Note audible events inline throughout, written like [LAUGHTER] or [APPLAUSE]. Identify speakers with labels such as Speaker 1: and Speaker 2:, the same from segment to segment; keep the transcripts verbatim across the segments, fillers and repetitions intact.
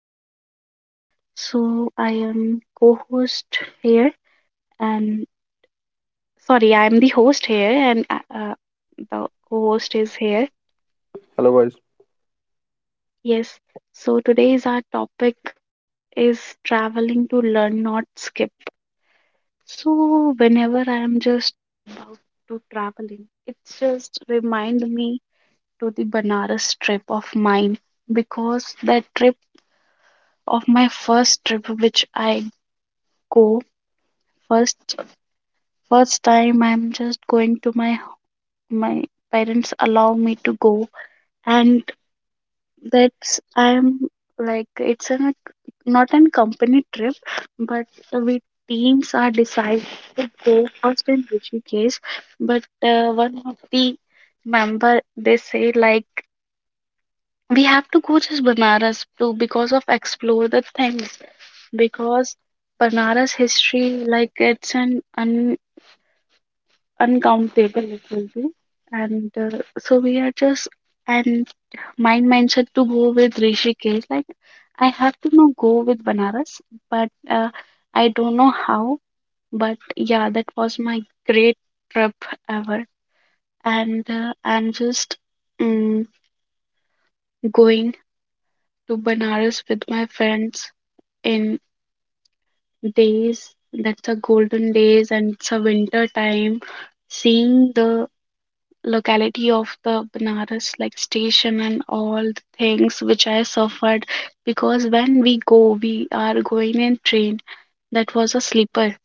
Speaker 1: podcast. So, I am co-host here, and sorry, I am the host here, and uh, uh, the co-host is here.
Speaker 2: Hello, guys.
Speaker 1: Yes. So today's our topic is traveling to learn, not skip. So whenever I am just about to traveling, it's just remind me to the Banaras trip of mine, because that trip of my first trip which I go first first time i'm just going to my my parents allow me to go, and that's i'm like it's an not an company trip, but we teams are decided to go first in Rishikesh, but uh, one of the member they say like we have to go just Banaras too because of explore the things, because Banaras history like it's an un uncountable it will be, and uh, so we are just and my mindset to go with Rishikesh, like I have to now go with Banaras, but uh, I don't know how, but yeah that was my great trip ever. And uh, i'm just mm, going to Banaras with my friends in days, that's a golden days and it's a winter time, seeing the locality of the Banaras, like station and all the things which I suffered, because when we go, we are going in train that was a sleeper.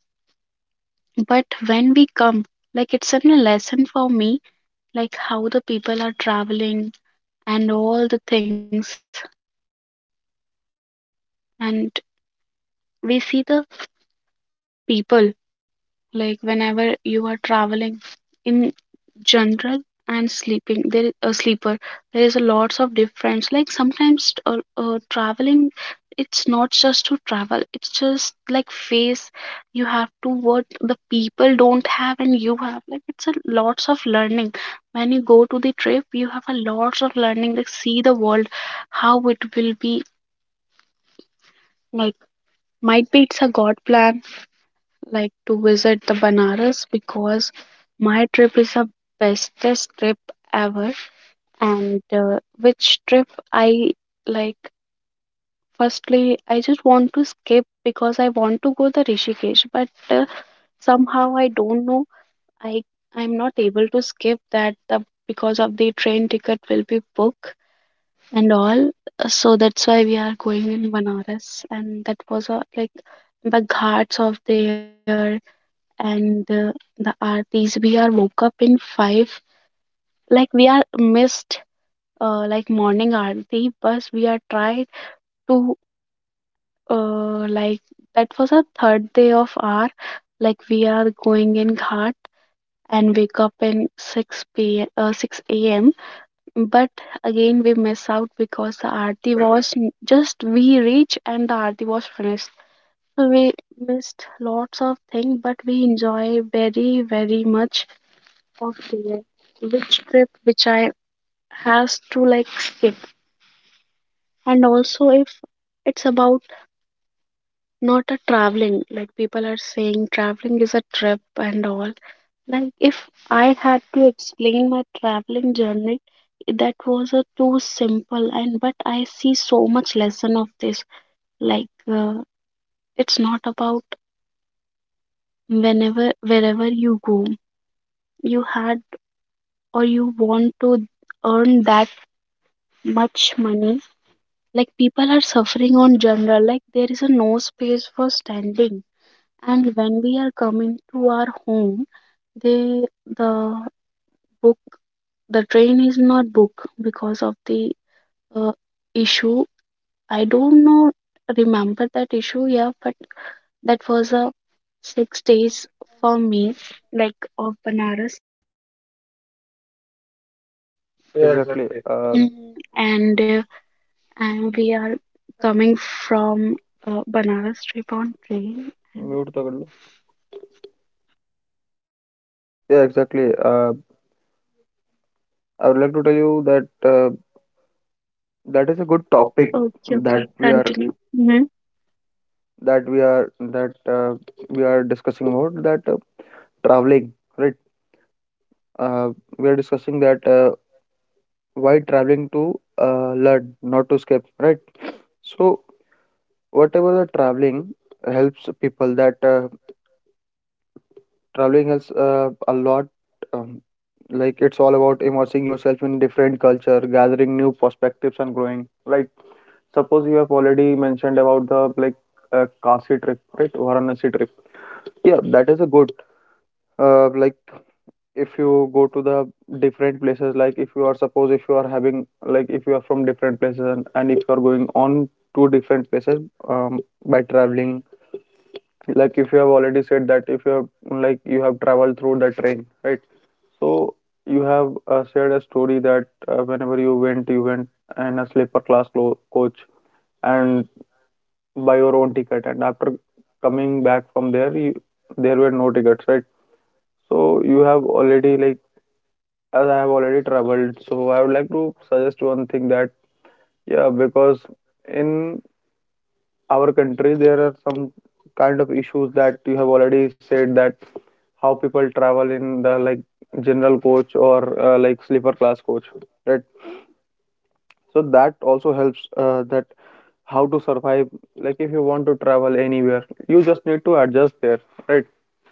Speaker 1: But when we come, like it's a lesson for me, like how the people are traveling and all the things. And we see the people, like whenever you are traveling in general and sleeping, there is a sleeper, there is a lots of difference. Like sometimes uh, uh, traveling, it's not just to travel, it's just like face, you have to what the people don't have and you have, like it's a lots of learning. When you go to the trip you have a lots of learning, like see the world how it will be, like might be it's a god plan, like to visit the Banaras, because my trip is a bestest trip ever. And uh, which trip I like. Firstly, I just want to skip because I want to go the Rishikesh, but uh, somehow I don't know. I I'm not able to skip that the, because of the train ticket will be booked and all. So that's why we are going in Banaras, and that was uh, like the ghats of there and uh, the aartis. We are woke up in five. Like we are missed uh, like morning aarti, but we are tried to uh, like that was our third day of our, like we are going in ghat and wake up in six p m p m, uh, six a m a.m, but again we miss out because the aarti was n- just we reach and the aarti was finished. So we missed lots of things, but we enjoy very very much of the which trip which I has to like skip. And also if it's about not a traveling, like people are saying traveling is a trip and all, like if I had to explain my traveling journey, that was a too simple, and but I see so much lesson of this. Like uh, it's not about whenever wherever you go, you had or you want to earn that much money, like people are suffering on general, like there is a no space for standing. And when we are coming to our home, they the book the train is not booked because of the uh, issue, I don't know, remember that issue, yeah, but that was a six days for me, like of Banaras.
Speaker 2: Yeah,
Speaker 1: Yeah,
Speaker 2: exactly.
Speaker 1: exactly.
Speaker 2: Uh,
Speaker 1: Uh, Mhm. And uh, and we are coming from uh, Banaras trip on train and
Speaker 2: yeah, exactly. Uh, I would like to tell you that uh, that is a good
Speaker 1: topic,
Speaker 2: topic
Speaker 1: okay, okay,
Speaker 2: that
Speaker 1: that
Speaker 2: we are
Speaker 1: continue. Mm-hmm.
Speaker 2: that we are that uh, we are discussing about that uh, traveling, right? Uh, we are discussing that uh, why traveling to uh, learn, not to escape, right? So whatever the traveling helps people, that uh, traveling helps uh, a lot. Um, like it's all about immersing yourself in different culture, gathering new perspectives, and growing, Like. suppose you have already mentioned about the like uh, Kashi trip, right? Varanasi trip. Yeah, that is a good. Uh, like if you go to the different places, like if you are suppose if you are having like if you are from different places and, and if you are going on to different places um, by traveling, like if you have already said that if you have like you have traveled through the train, right? So you have uh, shared a story that uh, whenever you went, you went in a sleeper class clo- coach and buy your own ticket and after coming back from there you, there were no tickets, right? So you have already like, as I have already traveled, so I would like to suggest one thing, that, yeah, because in our country there are some kind of issues that you have already said, that how people travel in the like general coach or uh, like sleeper class coach, right? So that also helps, uh, that how to survive. Like if you want to travel anywhere, you just need to adjust there, right?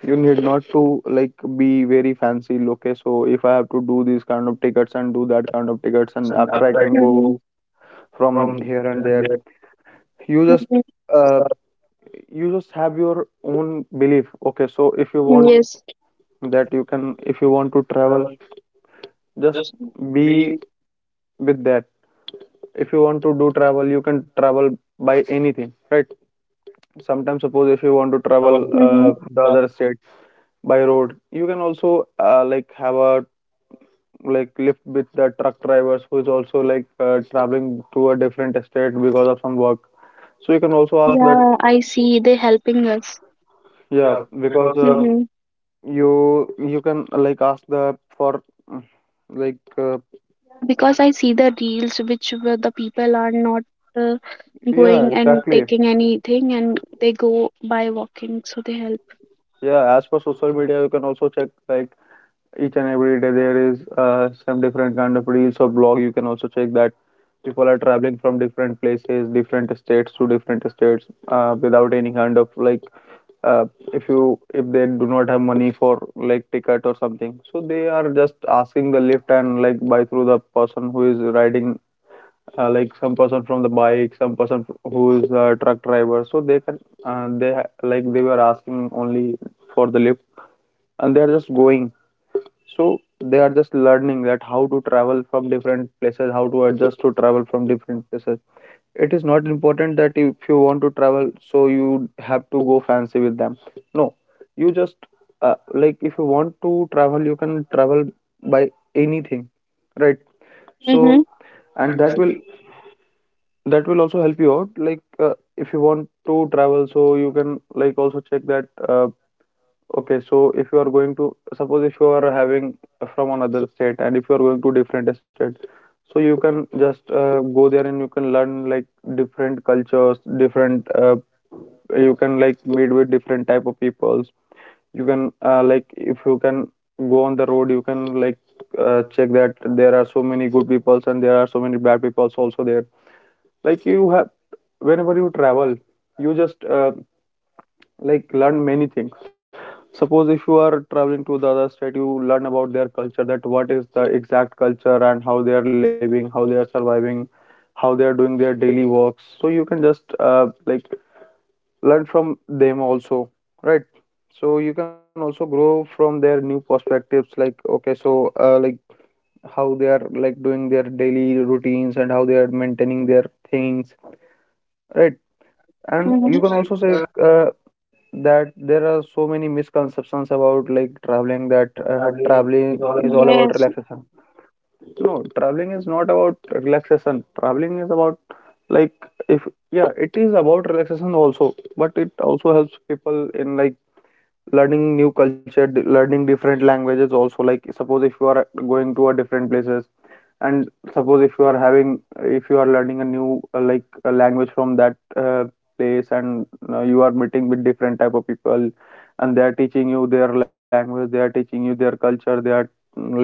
Speaker 2: You need not to, like, be very fancy. Okay, so if I have to do these kind of tickets and do that kind of tickets and
Speaker 1: And
Speaker 2: after I
Speaker 1: after I
Speaker 2: can
Speaker 1: can.
Speaker 2: go
Speaker 1: Mhm.
Speaker 2: from
Speaker 1: From
Speaker 2: here and there.
Speaker 1: there.
Speaker 2: you just
Speaker 1: Mhm.
Speaker 2: uh,
Speaker 1: Uh,
Speaker 2: you just have your own belief. Okay,
Speaker 1: okay,
Speaker 2: so
Speaker 1: so
Speaker 2: if
Speaker 1: if
Speaker 2: you
Speaker 1: you want.
Speaker 2: want,
Speaker 1: Yes. To like,
Speaker 2: that you can, if you want to travel,
Speaker 1: travel,
Speaker 2: just
Speaker 1: just
Speaker 2: be
Speaker 1: be.
Speaker 2: with that. If you want to do travel, you can travel by anything, right? Sometimes suppose if
Speaker 1: If
Speaker 2: you
Speaker 1: you
Speaker 2: want to
Speaker 1: want to travel.
Speaker 2: travel uh,
Speaker 1: Hmm.
Speaker 2: the other state by road, you can also, uh, like, have a like lift with the truck drivers who is also like uh, traveling to a different state because of some work. So you can
Speaker 1: Uh,
Speaker 2: also
Speaker 1: also, are
Speaker 2: ask that,
Speaker 1: there- Yeah, I see they helping us.
Speaker 2: yeah,
Speaker 1: Yeah,
Speaker 2: because
Speaker 1: because uh,
Speaker 2: uh,
Speaker 1: Mm-hmm.
Speaker 2: you you can like ask the for mm, like uh,
Speaker 1: Yeah, because I see the reels which where the people are not uh, yeah,
Speaker 2: yeah,
Speaker 1: going yeah, and exactly
Speaker 2: exactly.
Speaker 1: taking anything, and they go by walking, so they help.
Speaker 2: Yeah, as per social media, you can also check, like, each and every day there is uh, some different kind of reels or blog. You can also check that people are traveling from different places, different states to different states, uh, without any kind of like uh, if you, if they do not have money for like ticket or something, so they are just asking the lift and like by through the person who is riding, uh, like some person from the bike, some person who is a truck driver, so they can, uh, they ha- like they were asking only for the lift and they are just going. So they are just learning that how to travel from different places, how to adjust to travel from different places. It is not important that if you want to travel, so you have to go fancy with them. No, you just uh, like if you want to travel, you can travel by anything, right? So
Speaker 1: Mm-hmm. So
Speaker 2: and
Speaker 1: and
Speaker 2: that
Speaker 1: then
Speaker 2: will,
Speaker 1: we
Speaker 2: that will also help you out. Like uh, if you want to travel, so you can like also check that. Uh, Okay, so if you are going to suppose if you are having from another state and if you are going to different states, so you can just uh, go there and you can learn, like, different cultures, different, uh, you can like meet with different type of peoples. You can uh, like if you can go on the road, you can like uh, check that there are so many good peoples and there are so many bad peoples also there. Like you have, whenever you travel, you just uh, like learn many things. Suppose if you are traveling to the other state, you learn about their culture, that what is the exact culture and how they are living, how they are surviving, how they are doing their daily works. So you can just uh, like learn from them also, right? So you can also grow from their new perspectives, like, okay, so uh, like how they are like doing their daily routines and how they are maintaining their things, right?
Speaker 1: you
Speaker 2: And
Speaker 1: can. Hmm.
Speaker 2: you
Speaker 1: Also
Speaker 2: can
Speaker 1: say
Speaker 2: also say
Speaker 1: uh,
Speaker 2: uh, that there are so many misconceptions about like traveling, that
Speaker 1: uh,
Speaker 2: uh,
Speaker 1: traveling is
Speaker 2: traveling
Speaker 1: all
Speaker 2: is
Speaker 1: about that.
Speaker 2: all about
Speaker 1: Yes.
Speaker 2: relaxation. No, traveling is not about relaxation. Traveling is about, like, if, yeah, it is about relaxation also, but it also helps people in like learning new culture, d- learning different languages also. Like suppose if you are going to a different places and suppose if you are having, if you are learning a new uh, like a language from that uh, place, and uh, you are meeting with different type of people, and they are teaching you their language, they are teaching you their culture, they are mm, like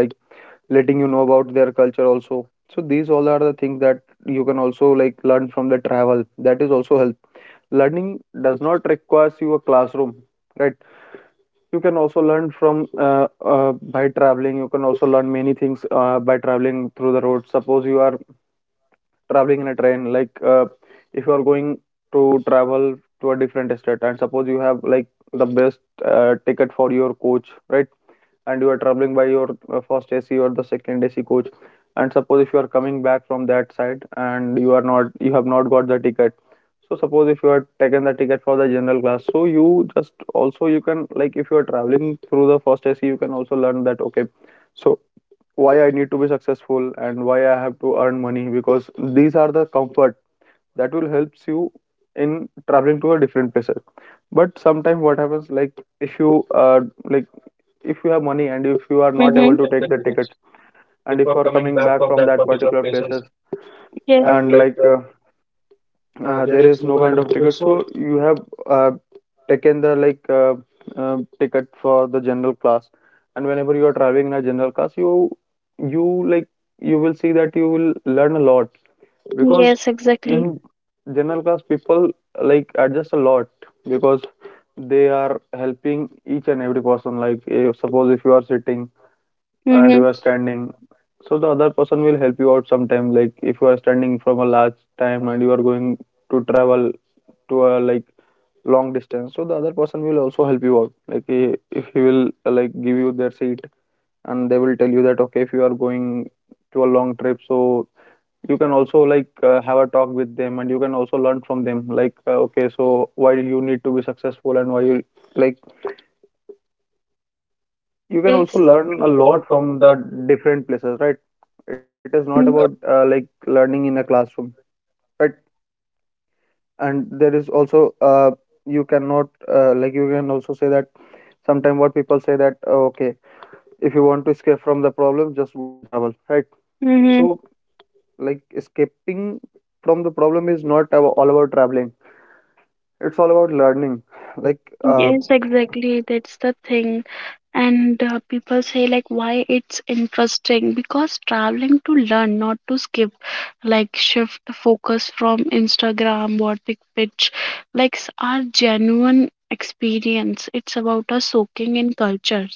Speaker 2: letting you know about their culture also. So these all are the things that you can also like learn from the travel, that is also help. Learning does not requires you a classroom, right? You can also learn from uh, uh, by traveling. You can also learn many things uh, by traveling through the road. Suppose you are traveling in a train, like uh, if you are going to travel to a different state, and suppose you have like the best uh, ticket for your coach, right? And you are traveling by your uh, first AC or the second AC coach, and suppose if you are coming back from that side and you are not, you have not got the ticket. So suppose if you are taken the ticket for the general class, so you just also, you can, like, if you are traveling through the first AC, you can also learn that, okay, so why I need to be successful and why I have to earn money, because these are the comfort that will helps you in traveling to a different places. But sometimes what happens, like if you uh, like if you have money and
Speaker 1: If
Speaker 2: if
Speaker 1: you are
Speaker 2: you
Speaker 1: not
Speaker 2: are
Speaker 1: about.
Speaker 2: not
Speaker 1: Mm-hmm.
Speaker 2: able to
Speaker 1: To take the
Speaker 2: take the
Speaker 1: tickets.
Speaker 2: tickets and if
Speaker 1: Before
Speaker 2: you are
Speaker 1: coming
Speaker 2: coming
Speaker 1: back
Speaker 2: back
Speaker 1: from
Speaker 2: from
Speaker 1: that
Speaker 2: that
Speaker 1: particular
Speaker 2: particular
Speaker 1: places.
Speaker 2: places
Speaker 1: Yes. And
Speaker 2: and
Speaker 1: like
Speaker 2: like
Speaker 1: uh,
Speaker 2: uh,
Speaker 1: uh,
Speaker 2: uh,
Speaker 1: there
Speaker 2: there
Speaker 1: is
Speaker 2: is
Speaker 1: no
Speaker 2: no
Speaker 1: kind
Speaker 2: kind
Speaker 1: of
Speaker 2: of
Speaker 1: because
Speaker 2: ticket,
Speaker 1: so
Speaker 2: so you have uh, taken the like uh, uh, ticket for the general class. And whenever you are traveling in a general class, you you like, you will see that you will learn a lot,
Speaker 1: because
Speaker 2: because
Speaker 1: yes, exactly, even
Speaker 2: in general class people like adjust a lot, because they are helping each and every person, like if, suppose if you are sitting
Speaker 1: I. Mm-hmm.
Speaker 2: and you are
Speaker 1: Understand.
Speaker 2: standing, so the other person will help you out sometime, like if you are standing from a large time and you are going to travel to a like long distance, so the other person will also help you out, like, eh, if he will uh, like give you their seat, and they will tell you that, okay, if you are going to a long trip, so you can also like uh, have a talk with them and you can also learn from them, like uh, okay, so why you need to be successful and why you, like, you
Speaker 1: You
Speaker 2: can
Speaker 1: can
Speaker 2: also
Speaker 1: also. Yes. Learn
Speaker 2: learn a
Speaker 1: a
Speaker 2: lot
Speaker 1: lot
Speaker 2: from
Speaker 1: from
Speaker 2: the
Speaker 1: the.
Speaker 2: different places, right?
Speaker 1: It is
Speaker 2: It
Speaker 1: not about.
Speaker 2: is not
Speaker 1: Mm-hmm. uh,
Speaker 2: about uh, like learning in a classroom, right? And there is also uh, you cannot uh, like, you can also say that, sometimes what people say, that, "Oh, okay, if you want to escape from the problem, just go and travel," right?
Speaker 1: Mm-hmm. So,
Speaker 2: So like escaping from the problem is not ab- all about traveling. It's all about learning. [SIGHS]
Speaker 1: like,
Speaker 2: Like
Speaker 1: uh,
Speaker 2: uh,
Speaker 1: yes, exactly. That's the thing. And uh, people say, like, why it's interesting because traveling to learn, not to skip, like, shift the focus from Instagram, or the pitch, like, s- our genuine experience. It's about us soaking in culture,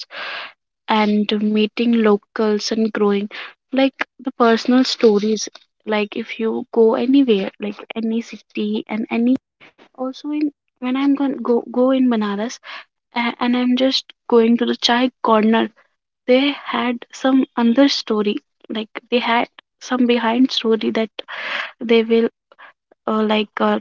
Speaker 1: and meeting locals and growing, like the personal stories, like if you go anywhere, like any city and any also in. When i'm going go go in Banaras, a- and i'm just going to the chai corner, they had some other story, like they had some behind story that they will uh, like uh,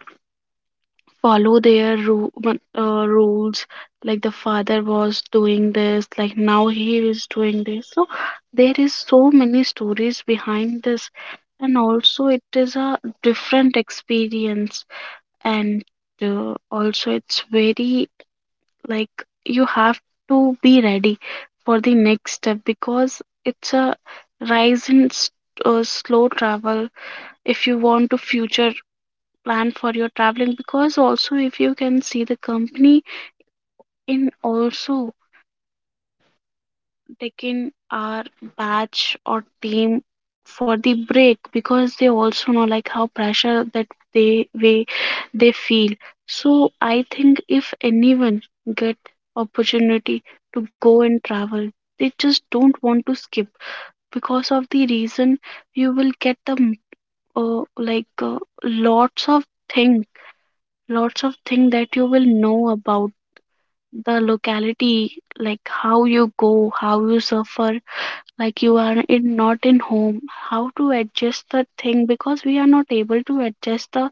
Speaker 1: follow their ru- mon- uh, rules, like the father was doing this, like now he is doing this. So there is so many stories behind this, and also it is a different experience. And uh, also it's very, like, you have to be ready for the next step because it's a rise in s- uh, slow travel, if you want to future plan for your traveling, because also if you can see the company in also taking our batch or team for the break, because they also know like how pressure that they way they feel. So I think if anyone get opportunity to go and travel, they just don't want to skip because of the reason. You will get the m- uh, like uh, lots of thing lots of thing that you will know about the locality, like how you go, how you suffer, like you are in not in home, how to adjust the thing, because we are not able to adjust the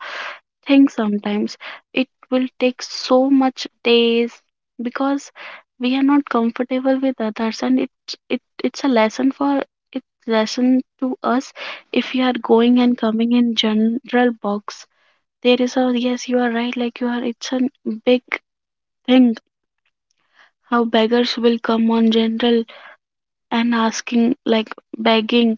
Speaker 1: thing sometimes, it will take so much days because we are not comfortable with others. And it's it, it's a lesson for, it's lesson to us. If you are going and coming in general box, there is a yes you are right, like you are, it's a big thing, how beggars will come on general and asking like begging,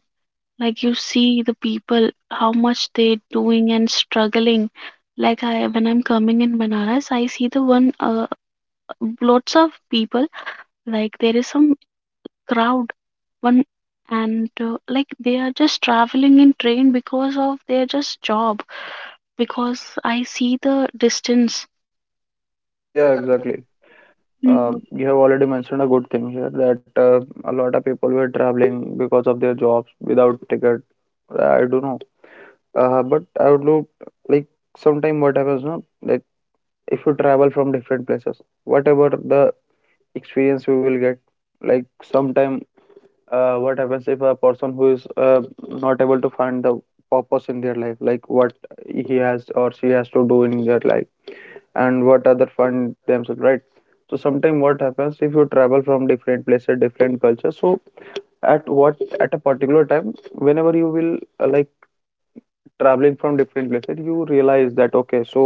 Speaker 1: like you see the people how much they doing and struggling, like I, when i'm coming in Banaras I see the one uh, lots of people, like there is some crowd one. And uh, like they are just traveling in train because of their just job, because I see the distance. Yeah,
Speaker 2: yeah,
Speaker 1: exactly.
Speaker 2: exactly.
Speaker 1: Mm-hmm.
Speaker 2: Uh, you have already mentioned a good thing here, that uh, a lot of people were traveling because of their jobs without ticket. I don't know. Uh, but I would look like, sometime what happens, no? Like if you travel from different places, whatever the experience you will get, like sometime uh, what happens if a person who is uh, not able to find the purpose in their life, like what he has or she has to do in their life, and what other find themselves, right? So sometimes what happens, if you travel from different places, different culture, so at what, at a particular time, whenever you will uh, like traveling from different places, you realize that, okay, so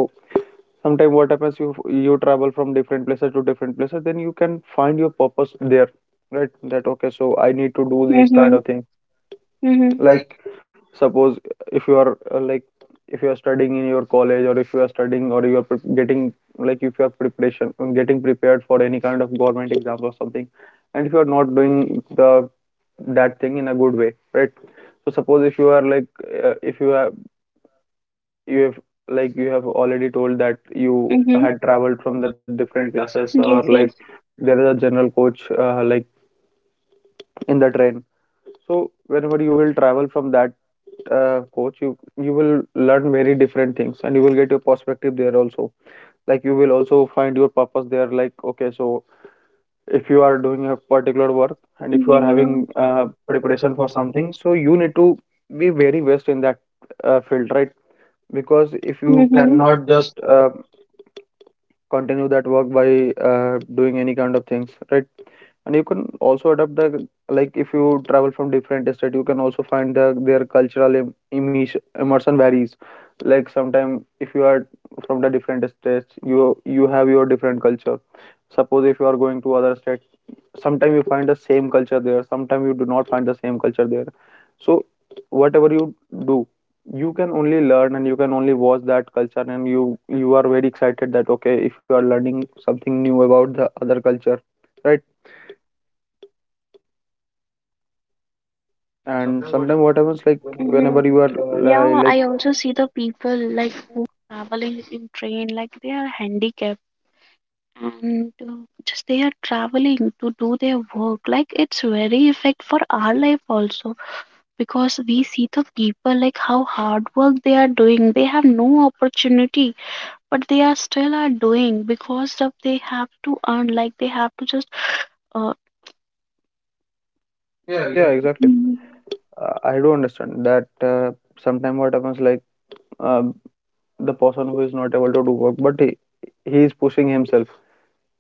Speaker 2: sometimes what happens, you you travel from different places to different places, then you can find your purpose there, right? That okay, so I need to
Speaker 1: People
Speaker 2: do these kind
Speaker 1: who-
Speaker 2: of things,
Speaker 1: Mhm. Mhm.
Speaker 2: like suppose if you are uh, like if you are studying in your college, or if you are studying, or you are pre- getting, like if you are preparation, um, getting prepared for any kind of government exams or something, and if you are not doing the that thing in a good way, right? So suppose if you are like, uh, if you have, you have, like you have already told that you
Speaker 1: Mhm.
Speaker 2: had
Speaker 1: Connect up
Speaker 2: traveled from
Speaker 1: from
Speaker 2: the
Speaker 1: the
Speaker 2: different
Speaker 1: different
Speaker 2: classes,
Speaker 1: classes or
Speaker 2: or
Speaker 1: yes, like
Speaker 2: like
Speaker 1: yes.
Speaker 2: there is a general coach, uh, like in the train. So
Speaker 1: Whenever.
Speaker 2: whenever
Speaker 1: Yes. You
Speaker 2: you will travel from that uh, coach, you you will learn very different things, and you will get your perspective there also, like you will also find your purpose there, like okay, so if you are doing a particular
Speaker 1: work,
Speaker 2: work,
Speaker 1: I
Speaker 2: and
Speaker 1: think
Speaker 2: if
Speaker 1: you
Speaker 2: you
Speaker 1: are
Speaker 2: are
Speaker 1: yeah, having.
Speaker 2: having
Speaker 1: Yeah. uh,
Speaker 2: uh,
Speaker 1: preparation
Speaker 2: preparation
Speaker 1: for
Speaker 2: for
Speaker 1: something.
Speaker 2: something, so you need to be very best in that uh, field, right?
Speaker 1: Because
Speaker 2: Because
Speaker 1: if
Speaker 2: if
Speaker 1: you have.
Speaker 2: you
Speaker 1: Mhm. Not
Speaker 2: cannot just
Speaker 1: just uh,
Speaker 2: uh, continue that work by uh, doing any kind of things, right? And you can also adapt the, like if you travel from different state, you can also find the, their cultural im- immersion immersion varies. Like sometime, if you are from the different states, you you have your different culture. Suppose if you are going to other state, sometime you find the same culture there, sometime you do not find the same culture there. So whatever you do, you can only learn and you can only watch that culture, and you you are very excited that okay, if you are learning something new about the other culture, right?
Speaker 1: and
Speaker 2: And
Speaker 1: sometimes what
Speaker 2: sometimes what
Speaker 1: happens
Speaker 2: happens, like
Speaker 1: whenever. Mhm.
Speaker 2: whenever you are
Speaker 1: You are uh,
Speaker 2: li-
Speaker 1: yeah, I
Speaker 2: like
Speaker 1: also see the people like who traveling in train, like they are handicapped, and uh, just they are traveling to do their work. Like it's very effect for our life also, because we see the people like how hard work they are doing. They have no opportunity but they are still are doing because of they have to earn, like they have to just uh, yeah,
Speaker 2: yeah,
Speaker 1: exactly.
Speaker 2: exactly.
Speaker 1: Mm.
Speaker 2: Uh, I do understand that uh, sometimes what happens, like uh, the person who is not able to do work, but he, he is pushing himself.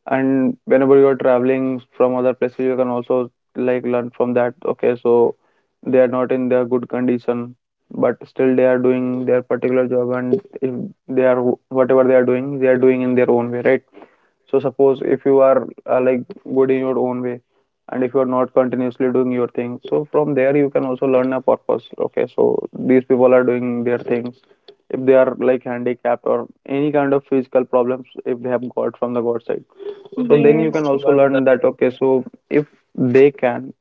Speaker 2: And whenever you are traveling from other places, you can also like learn from that. Okay, so they are not in their good condition, but still they are doing their particular job, and if they are, whatever they are doing, they are doing in their own way, right? So suppose if you are uh, like good in your own way, and if you are not continuously doing your thing, so from there you can also learn a purpose. Okay, so these people are doing their things. If they are like handicapped or any kind of physical problems, if they have got from the God side, so
Speaker 1: So then
Speaker 2: then
Speaker 1: you
Speaker 2: you
Speaker 1: can
Speaker 2: can
Speaker 1: yes
Speaker 2: also
Speaker 1: also
Speaker 2: learn
Speaker 1: learn
Speaker 2: that. Okay, so if they can,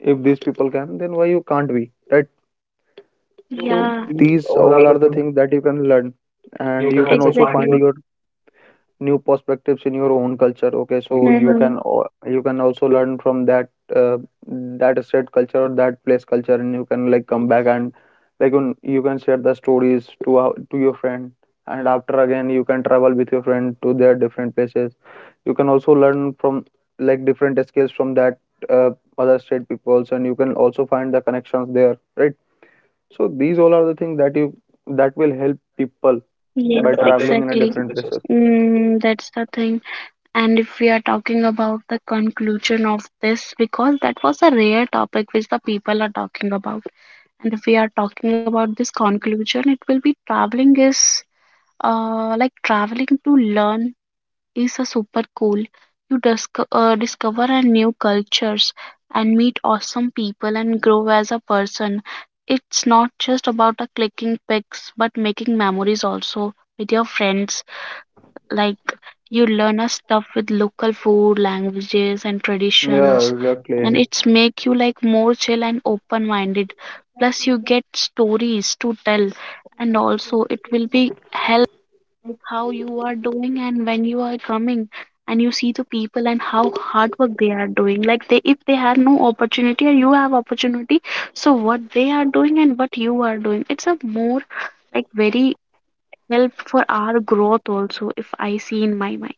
Speaker 2: if these people can, then why you can't be. Right.
Speaker 1: that
Speaker 2: So
Speaker 1: yeah these
Speaker 2: these
Speaker 1: all
Speaker 2: all
Speaker 1: are
Speaker 2: are
Speaker 1: the
Speaker 2: the
Speaker 1: things,
Speaker 2: things that you can learn,
Speaker 1: and
Speaker 2: and
Speaker 1: you
Speaker 2: you can
Speaker 1: can also
Speaker 2: also
Speaker 1: find your
Speaker 2: find your
Speaker 1: exactly
Speaker 2: new perspectives in your own culture.
Speaker 1: okay.
Speaker 2: Okay,
Speaker 1: So
Speaker 2: so
Speaker 1: you
Speaker 2: you
Speaker 1: can
Speaker 2: can
Speaker 1: hmm
Speaker 2: al- you can also learn from that uh, that state culture or that place culture, and you can like come back and like un- you can share the stories to our- to your friend, and after again you can travel with your friend to their different places. You can also learn from, like different skills from that uh, other state peoples, and you can also find the connections there, right? So these all are the things that you, that will help
Speaker 1: all
Speaker 2: people
Speaker 1: yeah,
Speaker 2: by
Speaker 1: yes, that traveling to
Speaker 2: traveling in a
Speaker 1: exactly different
Speaker 2: different
Speaker 1: places.
Speaker 2: places.
Speaker 1: Mm, that's the thing. And if we are talking about the conclusion of this, because that was a rare topic which the people are talking about. And if we are talking about this conclusion, it will be traveling is. Uh, like traveling to learn is a super cool. You disco- uh, discover a new cultures and meet awesome people and grow as a person. It's not just about a clicking pics, but making memories also with your friends. Like you learn a stuff with local food, languages, and
Speaker 2: Yeah,
Speaker 1: traditions, and
Speaker 2: exactly.
Speaker 1: it's make you like more chill and open minded. Plus, you get stories to tell, and also it will be help, like how you are doing and when you are coming and you see the people and how hard work they are doing, like they, if they have no opportunity and you have opportunity, so what they are doing and what you are doing, it's a more, like very help for our growth also, if I see in my mind.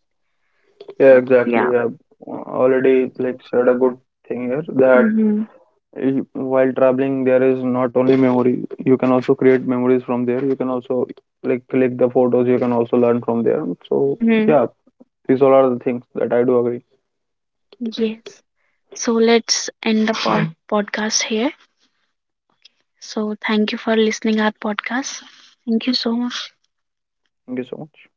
Speaker 2: Yeah,
Speaker 1: Yeah, exactly. Yeah,
Speaker 2: exactly. Yeah,
Speaker 1: like, pretty,
Speaker 2: already
Speaker 1: it's
Speaker 2: like
Speaker 1: it's
Speaker 2: said a good
Speaker 1: you
Speaker 2: thing here
Speaker 1: that
Speaker 2: that
Speaker 1: mm-hmm.
Speaker 2: i- while traveling, there is not only memory. You can also create memories from there. You can also like click the photos. You can also learn from there. So
Speaker 1: Mm-hmm.
Speaker 2: yeah, these all are the things that I do agree.
Speaker 1: Yeah. Yes. So let's end the pod- [LAUGHS] podcast here, so thank you for listening our podcast, thank you so much.
Speaker 2: Thank you so much.